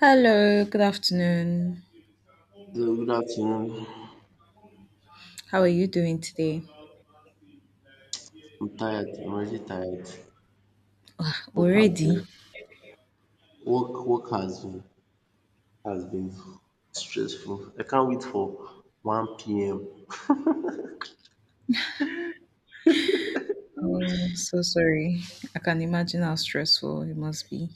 Hello, good afternoon. So good afternoon. How are you doing today? I'm tired. I'm already tired. Ah, Work has already? been work work has been stressful. I can't wait for 1 p.m. Oh, so sorry. I can imagine how stressful it must be.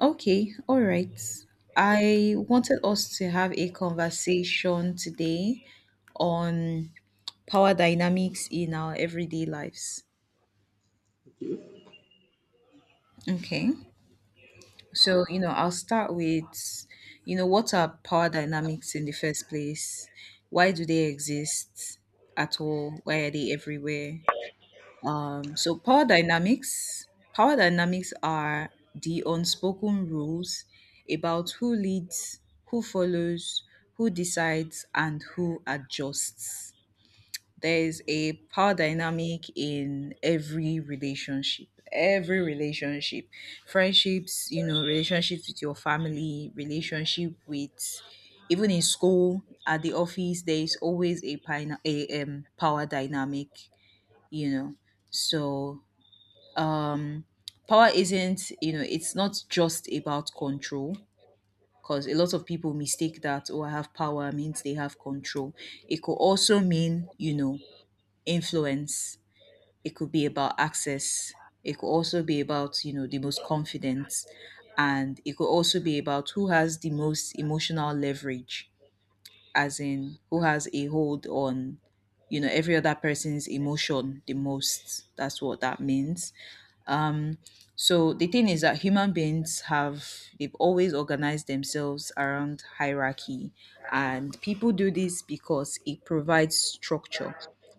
Okay, all right. I wanted us to have a conversation today on power dynamics in our everyday lives. Why Okay. So, I'll start with, what are power dynamics in the first place? Why do they exist at all? Why are they everywhere? So power dynamics are the unspoken rules about who leads, who follows, who decides, and who adjusts. There's a power dynamic in every relationship. Every relationship, friendships, relationships with your family, relationship with even in school, at the office, there is always a power dynamic, you know. So um power isn't it's not just about control, because a lot of people mistake that. Oh, I have power means they have control. It could also mean, influence. It could be about access. It could also be about, the most confident. And it could also be about who has the most emotional leverage, as in who has a hold on, every other person's emotion the most. That's what that means. So the thing is that human beings have they've always organized themselves around hierarchy, and people do this because it provides structure.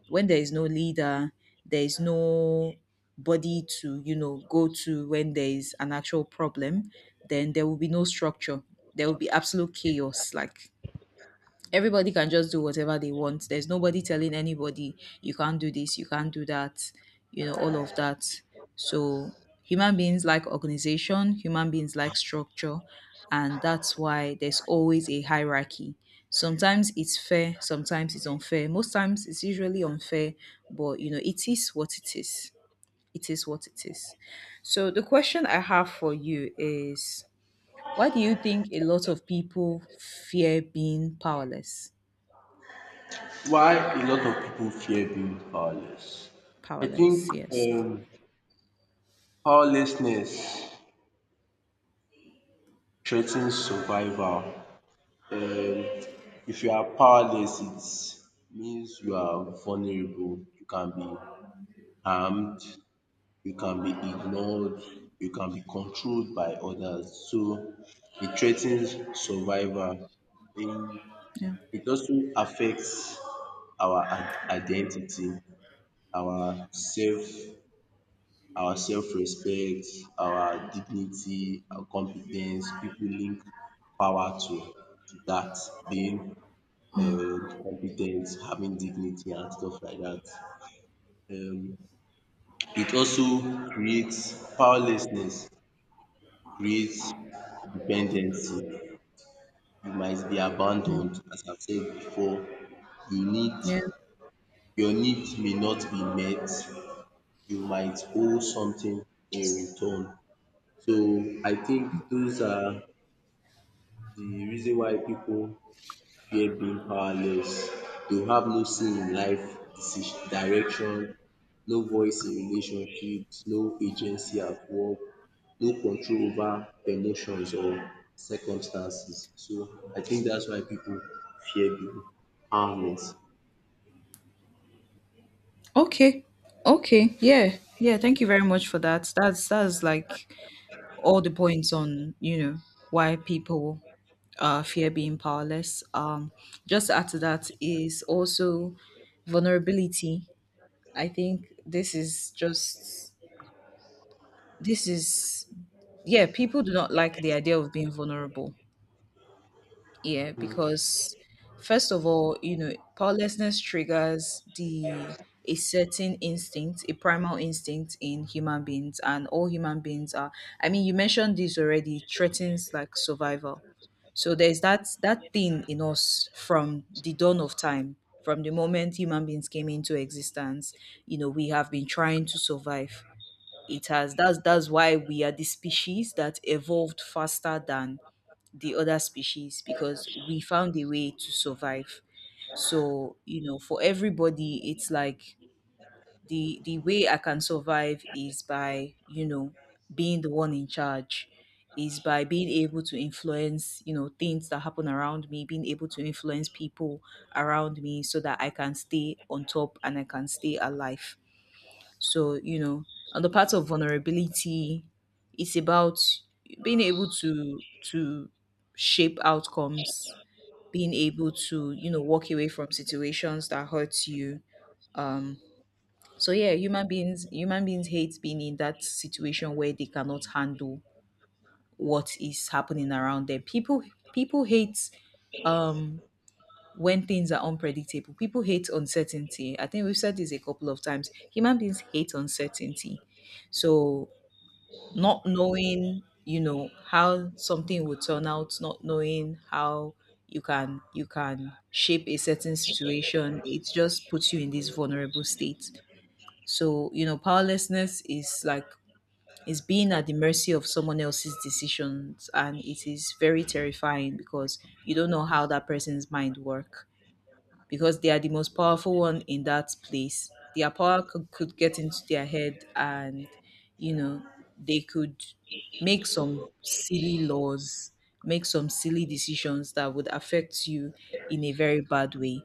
When there is no leader, there is no body to, go to when there is an actual problem, then there will be no structure. There will be absolute chaos, like everybody can just do whatever they want. There's nobody telling anybody you can't do this, you can't do that, all of that. So human beings like organization, human beings like structure, and that's why there's always a hierarchy. Sometimes it's fair, sometimes it's unfair. Most times it's usually unfair, but it is what it is. It is what it is. So the question I have for you is, why do you think a lot of people fear being powerless? a lot of people fear being powerless? I Powerless. think Yes. Powerlessness threatens survival. Um, if you are powerless, it means you are vulnerable. You can be harmed. You can be ignored, you can be controlled by others. So it threatens survival. Um, Yeah. It also affects our identity, our self, our self-respect, our dignity, our competence. People link power to that being competent, having dignity and stuff like that. Um, it also creates powerlessness creates dependency. You might be abandoned, as I've said before. You need Yeah. your need may not be met. You might owe something in return. So I think those are the reason why people fear being powerless. They will have no say in life decision, direction, no voice in relationships, no agency at work, no control over emotions or circumstances. So I think that's why people fear being harmless. Okay. Okay. Yeah. Yeah. Thank you very much for that. That's like all the points on, why people fear being powerless. Just to add to that is also vulnerability. I think this is yeah, people do not like the idea of being vulnerable. Yeah, Um, because first of all, powerlessness triggers the a certain instinct, a primal instinct in human beings, and all human beings are. I mean, you mentioned this already. Threatens like survival. So there's that thing in us from the dawn of time, from the moment human beings came into existence. We have been trying to survive. It has That's why we are the species that evolved faster than the other species, because we found a way to survive. So, for everybody, it's like the way I can survive is by, being the one in charge, is by being able to influence, things that happen around me, being able to influence people around me so that I can stay on top and I can stay alive. So, on the part of vulnerability, it's about being able to shape outcomes, being able to, walk away from situations that hurt you. Um so yeah, human beings hate being in that situation where they cannot handle what is happening around them. People hate um when things are unpredictable. People hate uncertainty. I think we've said this a couple of times. Human beings hate uncertainty. So not knowing, how something will turn out, not knowing how you can shape a certain situation, it just puts you in this vulnerable state. So powerlessness is like, is being at the mercy of someone else's decisions, and it is very terrifying because you don't know how that person's mind work, because they are the most powerful one in that place. Their power could get into their head, and, you know, they could make some silly laws, make some silly decisions that would affect you in a very bad way.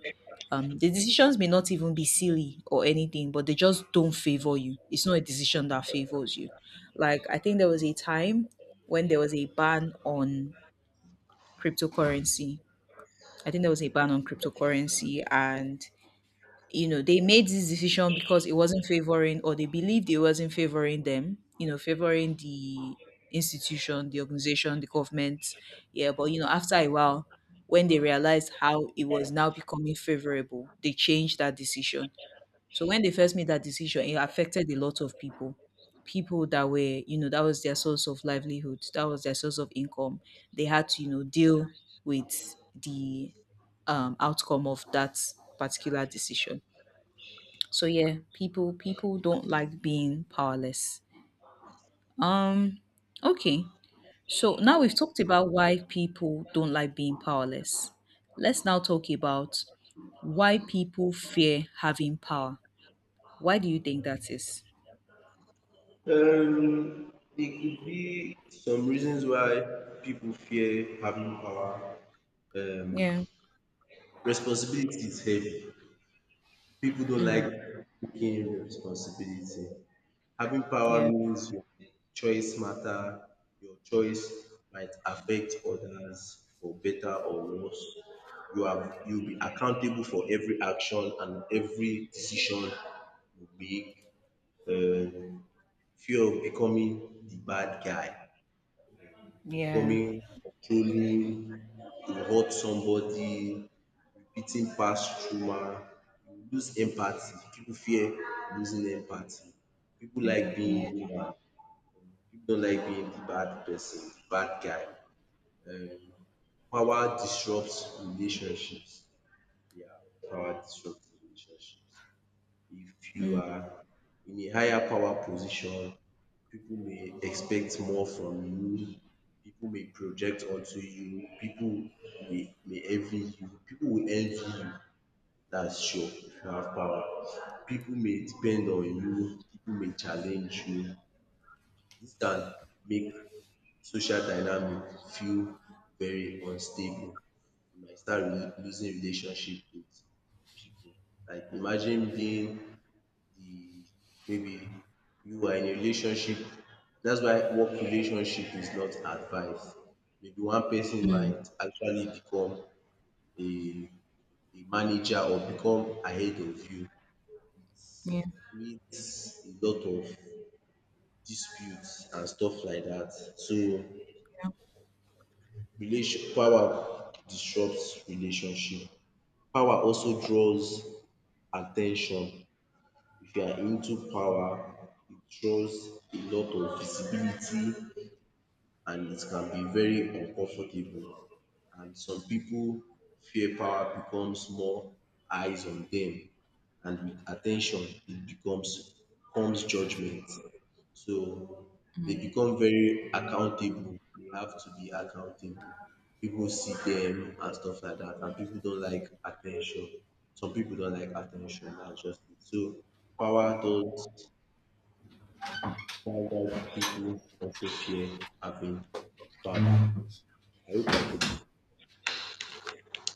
The decisions may not even be silly or anything, but they just don't favor you. It's not a decision that favors you. Like, I think there was a time when there was a ban on cryptocurrency. I think there was a ban on cryptocurrency, and they made this decision because it wasn't favoring, or they believed it wasn't favoring them, favoring the institution, the organization, the government. Yeah, but after a while, when they realized how it was now becoming favorable, they changed that decision. So when they first made that decision, it affected a lot of people, people that were, that was their source of livelihood, that was their source of income. They had to, deal with the outcome of that particular decision. So yeah, people don't like being powerless. Um okay. So now we've talked about why people don't like being powerless. Let's now talk about why people fear having power. Why do you think that is? there could be some reasons why people fear having power. Um, Yeah. Responsibility is heavy. People don't like taking responsibility. Having Yeah. power means your choice matter. Your choice might affect others for better or worse. You'll be accountable for every action and every decision you make. Um, Fear of becoming the bad guy, Yeah. becoming controlling, you hurt somebody, repeating past trauma, you lose empathy. People fear losing empathy. People like Empathy. being human. People don't like being the bad person, the bad guy. Um, Power disrupts relationships. Yeah, power disrupts relationships. If Yeah. you Mm, are in a higher power position, people may expect more from you. People may project onto you. People may envy you. People will envy you. That's sure if you have power. People may depend on you. People may challenge you. This can make social dynamic feel very unstable. You might start losing relationship with people. Like imagine being the maybe you are in a relationship. That's why work relationship is not advised. Maybe one person mm, might actually become a a manager or become ahead of you, yeah. create a lot of disputes and stuff like that. So Yeah. Relation Power disrupt relationship. Power also draws at ten tion. If you are into power, it draws a lot of visibility and it can be very uncomfortable. And some people fear power becomes more eyes on them, and with attention, it becomes comes judgment. So they become very accountable. They have to be accountable. People see them and stuff like that, and people don't like attention. Some people don't like attention. That's just it. So power does power does people also fear having power. I hope I could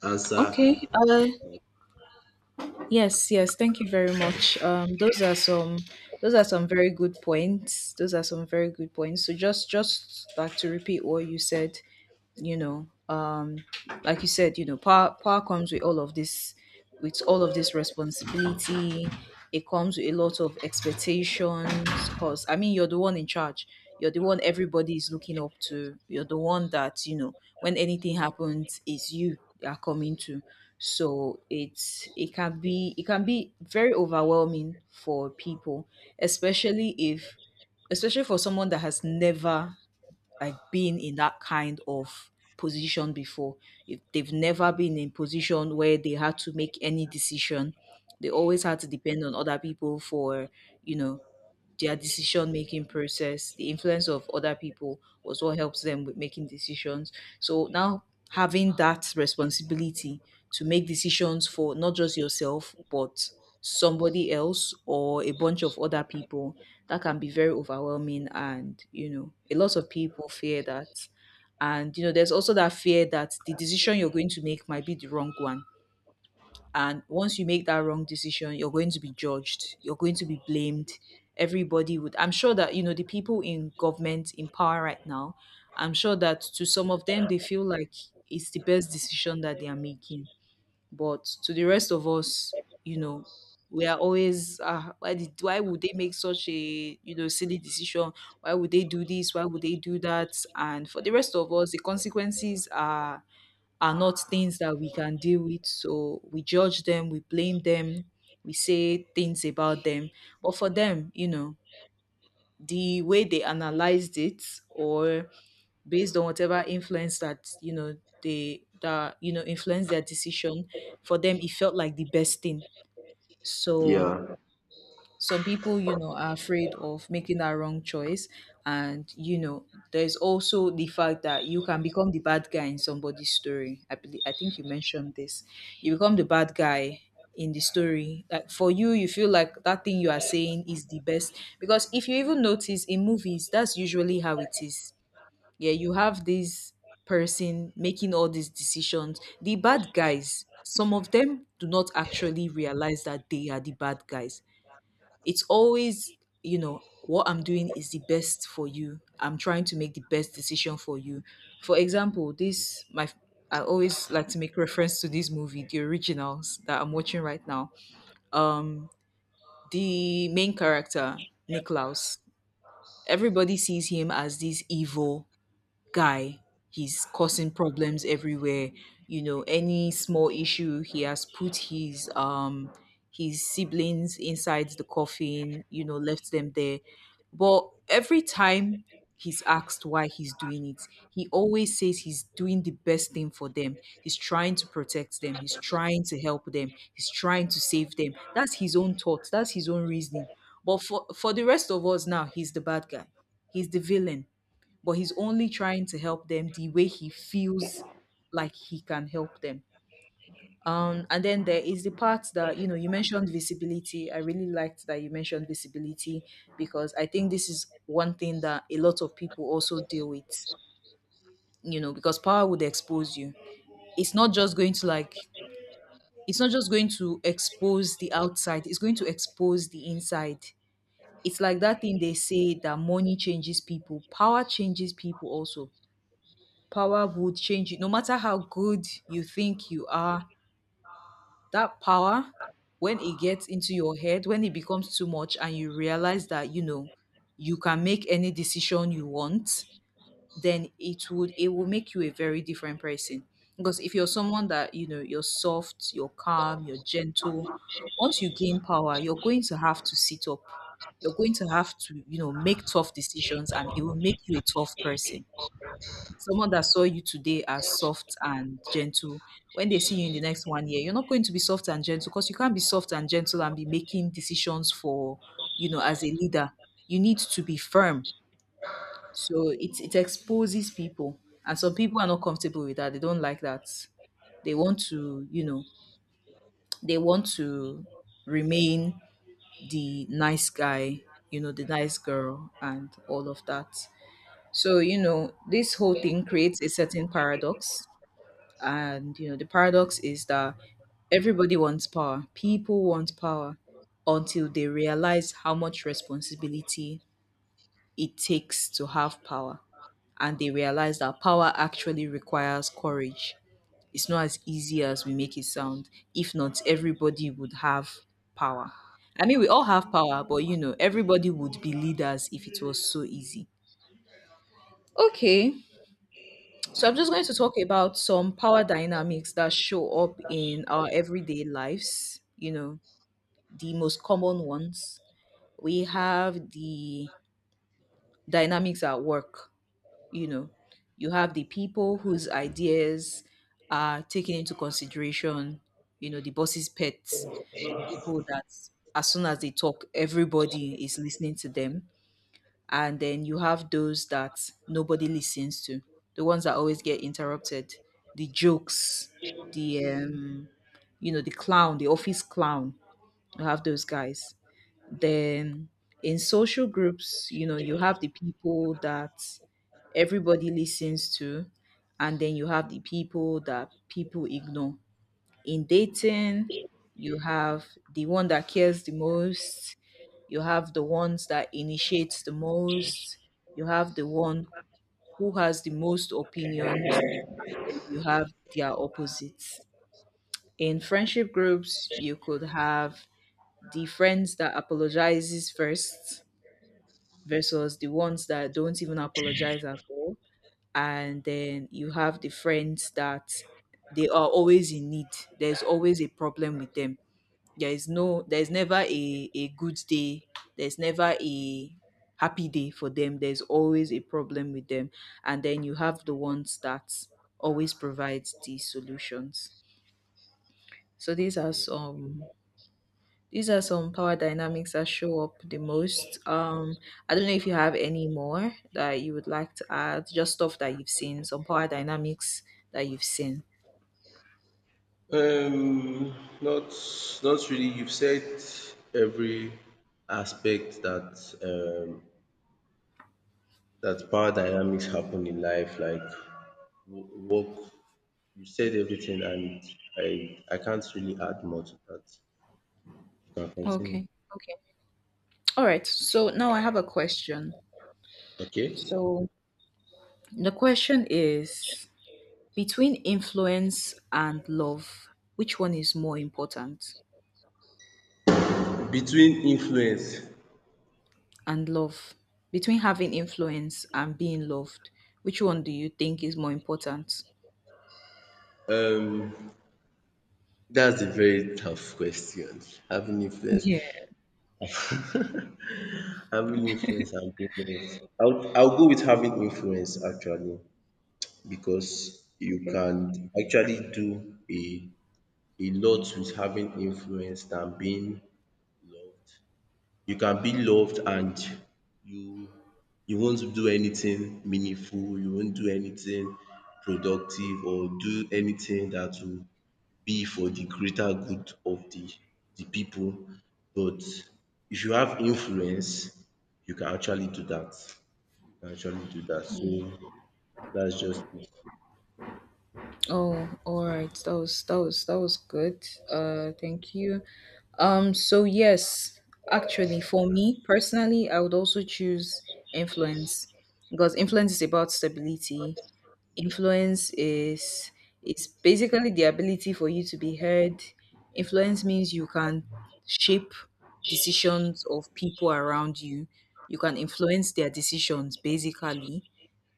answer. Okay. Yes, yes, thank you very much. Those are some those are some very good points. Those are some very good points. So just to repeat what you said, you know um like you said, power comes with all of this, with all of this responsibility. It comes with a lot of expectations, because I mean, you're the one in charge, you're the one everybody is looking up to, you're the one that, when anything happens, it's you they are coming to. So it can be very overwhelming for people, especially if especially for someone that has never like been in that kind of position before. If they've never been in position where they had to make any decision, they always had to depend on other people for, you know, their decision making process, the influence of other people was what helps them with making decisions. So now, having that responsibility to make decisions for not just yourself but somebody else or a bunch of other people, that can be very overwhelming, and a lot of people fear that. And there's also that fear that the decision you're going to make might be the wrong one, and once you make that wrong decision, you're going to be judged, you're going to be blamed. I'm sure that, the people in government in power right now, I'm sure that to some of them, they feel like it's the best decision that they are making. But to the rest of us, you know, we are always, why would they make such a, silly decision? Why would they do this? Why would they do that? And for the rest of us, the consequences are not things that we can deal with. So we judge them, we blame them, we say things about them. But for them, the way they analyzed it, or based on whatever influence that, influenced their decision, for them it felt like the best thing. So Yeah. some people, are afraid of making that wrong choice. And there's also the fact that you can become the bad guy in somebody's story. I believe, I think you mentioned this. You become the bad guy in the story. Like, for you feel like that thing you are saying is the best, because if you even notice in movies, that's usually how it is. Yeah, you have this person making all these decisions, the bad guys, some of them do not actually realize that they are the bad guys. It's always, what I'm doing is the best for you. I'm trying to make the best decision for you. For example, this my I always like to make reference to this movie, The Originals, that I'm watching right now. The main character, Niklaus, everybody sees him as this evil guy. He's causing problems everywhere. You know, any small issue, he has put his siblings inside the coffin, left them there. But every time he's asked why he's doing it, he always says he's doing the best thing for them. He's trying to protect them, he's trying to help them, he's trying to save them. That's his own thoughts, that's his own reasoning. But for the rest of us now, he's the bad guy. He's the villain, but he's only trying to help them the way he feels like he can help them. And then there is the part that, you mentioned visibility. I really liked that you mentioned visibility because I think this is one thing that a lot of people also deal with. You know, because power would expose you. It's not just going to like it's not just going to expose the outside, it's going to expose the inside. It's like that thing they say that money changes people, power changes people also, power would change you. No matter how good you think you are, that power, when it gets into your head, when it becomes too much, and you realize that, you know, you can make any decision you want, then it will make you a very different person. Because if you're someone that, you know, you're soft, you're calm, you're gentle, once you gain power, you're going to have to sit up. You're going to have to, you know, make tough decisions and it will make you a tough person. Someone that saw you today as soft and gentle, when they see you in the next 1 year, you're not going to be soft and gentle because you can't be soft and gentle and be making decisions for, you know, as a leader. You need to be firm. So it exposes people. And some people are not comfortable with that. They don't like that. They want to, you know, they want to remain the nice guy, you know, the nice girl, and all of that. So, you know, this whole thing creates a certain paradox. And you know, the paradox is that everybody wants power. People want power until they realize how much responsibility it takes to have power. And they realize that power actually requires courage. It's not as easy as we make it sound. If not, everybody would have power. I mean, we all have power, but you know, everybody would be leaders if it was so easy. Okay. So I'm just going to talk about some power dynamics that show up in our everyday lives, you know, the most common ones. We have the dynamics at work, you know. You have the people whose ideas are taken into consideration, you know, the boss's pets, the people that as soon as they talk, everybody is listening to them, and then you have those that nobody listens to, the ones that always get interrupted, the jokes, the you know, the clown, the office clown, you have those guys. Then in social groups, you know, you have the people that everybody listens to, and then you have the people that people ignore. In dating, you have the one that cares the most, you have the ones that initiates the most, you have the one who has the most opinions, and you have their opposites. In friendship groups, you could have the friends that apologizes first versus the ones that don't even apologize at all, and then you have the friends that they are always in need, there's always a problem with them, there is no there's never a good day, there's never a happy day for them, there's always a problem with them, and then you have the ones that always provide the solutions. So these are Yeah. some, these are some power dynamics that show up the most. I don't know if you have any more that you would like to add, just stuff that you've seen, some power dynamics that you've seen. Um, Not not really. You've said every aspect that um, that power dynamics happen in life, like work. You said everything, and I can't really add more to that. You can continue. Okay. Okay, all right. So now I have a question. Okay. So the question is, between influence and love, which one is more important? Between influence, And love. Between having influence and being loved, which one do you think is more important? um, that's a very tough question. Having influence, Yeah. having influence. I'll go with having influence actually because you Okay. can actually do a lot with having influence than being loved. You can be loved and you you won't do anything meaningful, you won't do anything productive or do anything that will be for the greater good of the people. But if you have influence, you can actually do that. So that's just it. Oh, all right. That was good. Thank you. So yes, actually for me personally, I would also choose influence because influence is about stability. Influence is basically the ability for you to be heard. Influence means you can shape decisions of people around you. You can influence their decisions basically.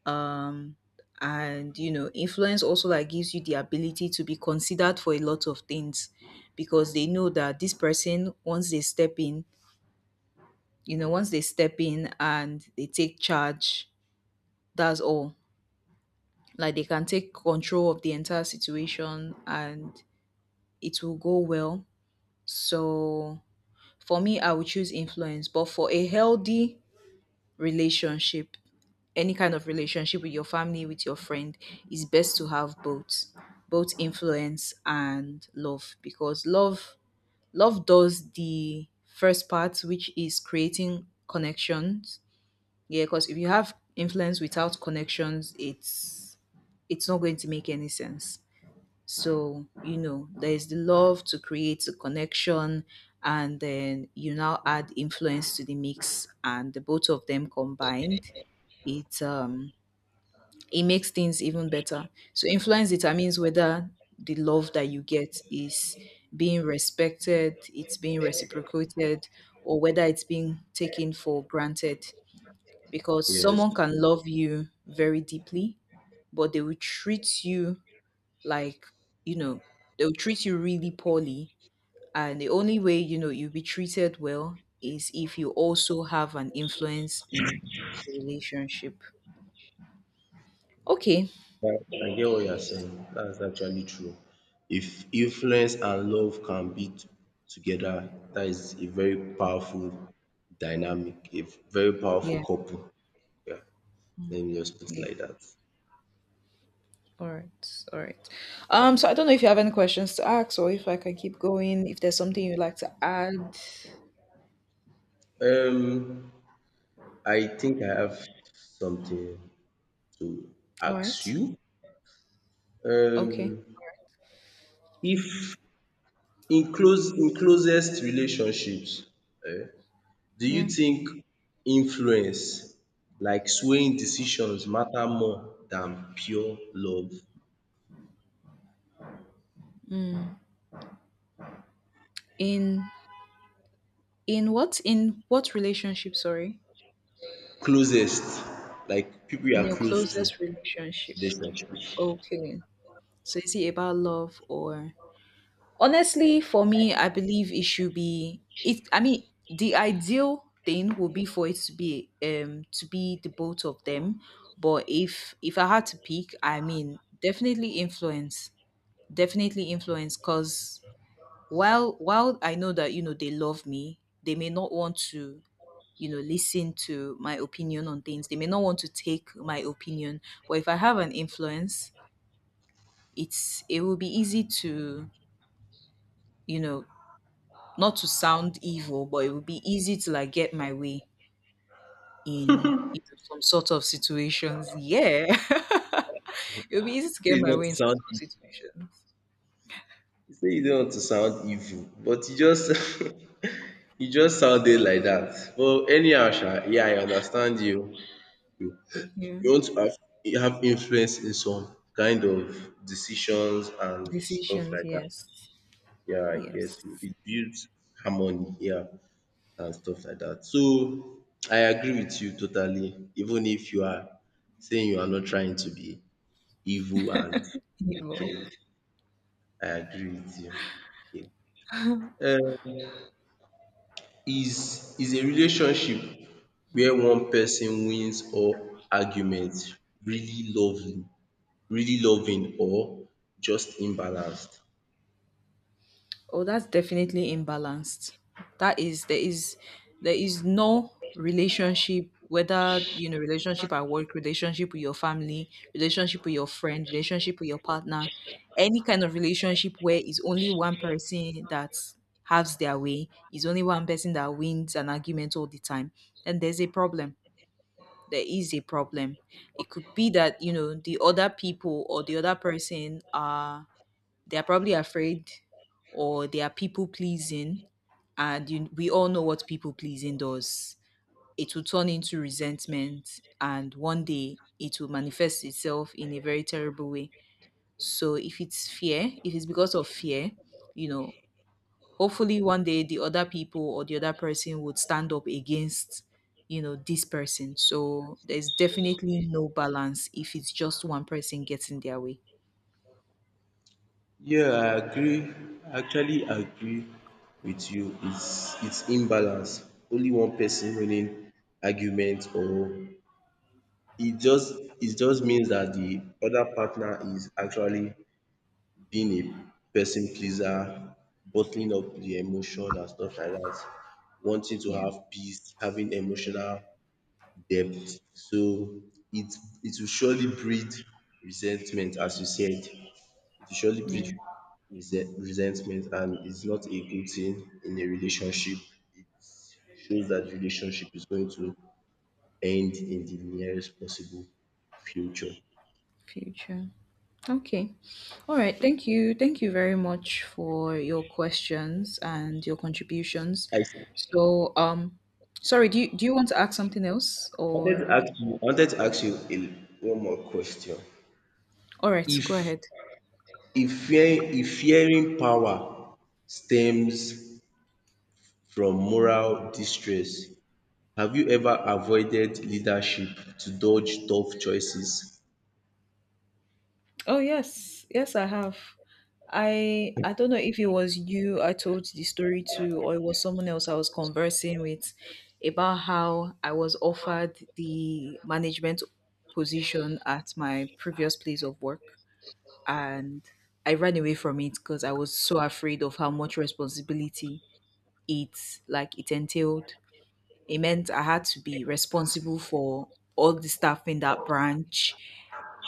Um and you know, influence also like gives you the ability to be considered for a lot of things because they know that this person once they step in, you know, once they step in and they take charge, that's all, like they can take control of the entire situation and it will go well. So for me, I would choose influence. But for a healthy relationship, any kind of relationship with your family, with your friend, it's best to have both, both influence and love, because love, love does the first part, which is creating connections. Yeah, because if you have influence without connections, it's not going to make any sense. So, you know, there's the love to create a connection, and then you now add influence to the mix, and the both of them combined, it it makes things even better. So influence determines whether the love that you get is being respected, it's being reciprocated, or whether it's being taken for granted. Because Yes, someone can love you very deeply, but they will treat you like, you know, they'll treat you really poorly, and the only way you know you'll be treated well is if you also have an influence in the relationship. Okay. that, I get what you're saying. That's actually true. If influence and love can be together, that is a very Yeah. powerful dynamic, a very powerful Yeah, couple. Yeah, let me just put it yeah. like that. All right, all right. So I don't know if you have any questions to ask or if I can keep going, if there's something you'd like to add. Um, I think I have something to All ask right. you. Okay. Um, if in closest relationships, do you Yeah. think influence like swaying decisions matter more than pure love? Mm. In what relationship, sorry? Closest like people you In are your close to closest relationship. relationship. Okay. So is it about love, or honestly for me I believe it should be it, I mean, the ideal thing would be for it to be the both of them. But if I had to pick, I mean definitely influence. Definitely influence because while I know that you know they love me, they may not want to, you know, listen to my opinion on things. They may not want to take my opinion. But if I have an influence, it will be easy to, you know, not to sound evil, but it would be easy to like get my way in, you know, some sort of situations. Yeah. It would be easy to Say get e my not way to in some sound sort of e, situations. say e no to sound evil but you just you just sounded like that. But anyhow sha yeah I understand you. You Yeah. you want to have you have influence in some kind of decisions and stuff Decisions, like that. yes. Yeah I Yes. guess it builds harmony yeah. And stuff like that. So I agree with you totally, even if you are saying you are not trying to be evil and Evil. wicked. I agree with you. Okay. Uh, is a relationship where one person wins or argument really lovely, really loving or just imbalanced? Oh, that's definitely imbalanced. That is, there is, there is no relationship, whether you know, relationship at work, relationship with your family, relationship with your friend, relationship with your partner, any kind of relationship where it's only one person that has their way, is only one person that wins an argument all the time, then there's a problem. There is a problem. It could be that, you know, the other people or the other person are, they are probably afraid or they are people pleasing. And you, we all know what people pleasing does. It will turn into resentment and one day it will manifest itself in a very terrible way. So if it's fear, if it's because of fear, you know, hopefully one day the other people or the other person would stand up against, you know, this person. So there's definitely no balance if it's just one person getting their way. Yeah, I agree. I actually agree with you. It's imbalance. Only one person winning argument or it just it just means that the other partner is actually being a person pleaser, bottling up the emotion and stuff like that, wanting to Yeah. have peace, having emotional depth. So it it will surely breed resentment, as you said it will surely Yeah. breed resentment and it's not a good thing in a relationship. It shows that the relationship is going to end in the nearest possible future. Future. Okay. All right. Thank you. Thank you very much for your questions and your contributions. I So, sorry, do you want to ask something else, or? I wanted to ask you a, one more question. All right, go If ahead. If fearing power stems from moral distress, have you ever avoided leadership to dodge tough choices? Oh, yes. Yes, I have. I don't know if it was you I told the story to, or it was someone else I was conversing with about how I was offered the management position at my previous place of work, and I ran away from it because I was so afraid of how much responsibility it like it entailed. It meant I had to be responsible for all the staff in that branch.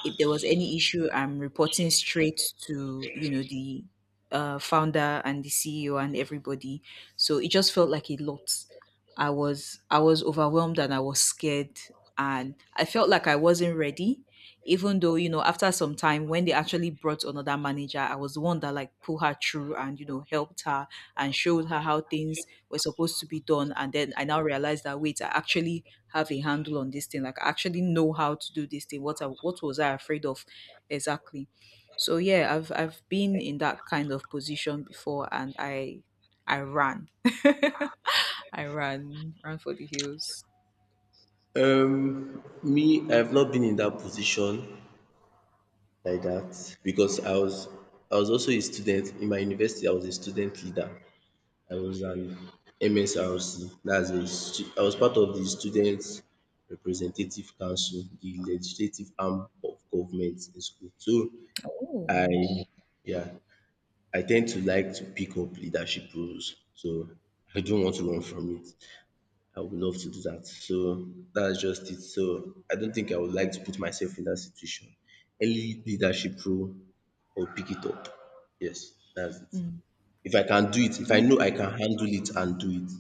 If there was any issue, I'm reporting straight to, you know, the founder and the CEO and everybody. So it just felt like a lot. I was overwhelmed and I was scared, and I felt like I wasn't ready. Even though, you know, after some time when they actually brought another manager, I was the one that like pulled her through and, you know, helped her and showed her how things were supposed to be done. And then I now realized that wait, I actually have a handle on this thing. Like I actually know how to do this thing. What was I afraid of exactly? So yeah, I've been in that kind of position before and I ran. I ran for the hills. Me, I've not been in that position like that because I was also a student in my university. I was a student leader. I was an MSRC. That's a stu- I was part of the students representative council, the legislative arm of government in school. So I Oh. yeah, I tend to like to pick up leadership roles. So I don't want to run from it. I would love to do that. So that's just it. So I don't think I would like to put myself in that situation. Any leadership role, I'll pick it up. Yes, that's it. Mm. If I can do it, if I know Okay. I can handle it and do it,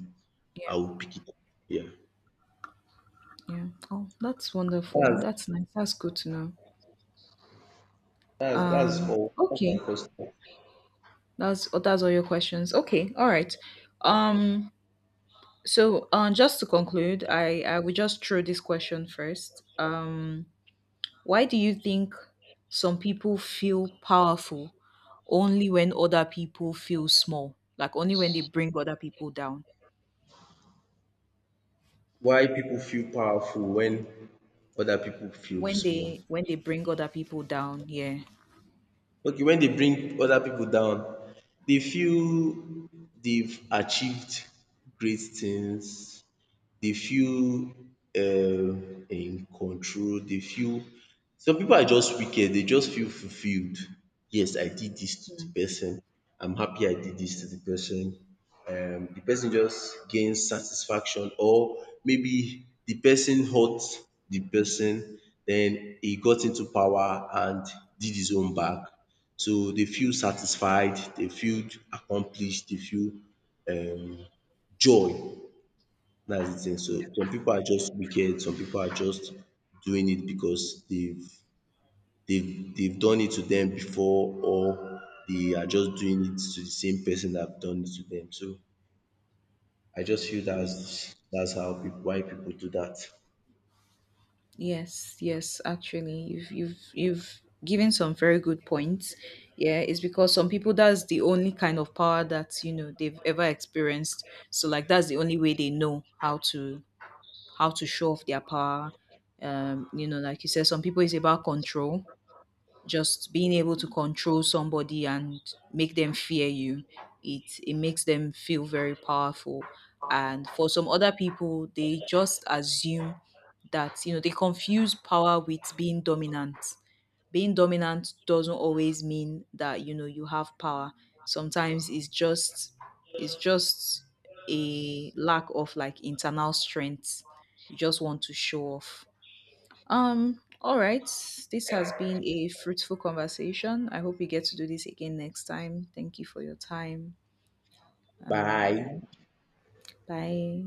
I Yeah. will pick it up. Yeah. Yeah. Oh, that's wonderful. That's That's nice. That's good to know. that's all my Okay. question. That's, oh, that's all your questions. Okay. All right. Um So, just to conclude, I will just throw this question first. Why do you think some people feel powerful only when other people feel small? Like only when they bring other people down. Why people feel powerful when other people feel When small. they bring other people down, yeah. Okay, when they bring other people down, they feel they've achieved great things. They feel in control, they feel some people are just wicked, they just feel fulfilled. Yes, I did this to the person, I'm happy I did this to the person. The person just gains satisfaction or maybe the person hurt the person, then he got into power and did his own back. So they feel satisfied, they feel accomplished, they feel um joy. That's the thing. So Yeah. some people are just wicked, some people are just doing it because they've done it to them before or they are just doing it to the same person that have done it to them. So I just feel Mm. That's how pipu why people do that. Yes, yes, actually, you've given some very good points. Yeah, it's because some people, that's the only kind of power that you know they've ever experienced. So like that's the only way they know how to, how to show off their power. You know, like you said, some people it's about control. Just being able to control somebody and make them fear you. It makes them feel very powerful. And for some other people, they just assume that, you know, they confuse power with being dominant. Being dominant doesn't always mean that you know you have power. Sometimes it's just a lack of like internal strength. You just want to show off. All right, this has been a fruitful conversation. I hope we get to do this again next time. Thank you for your time. Bye. Bye.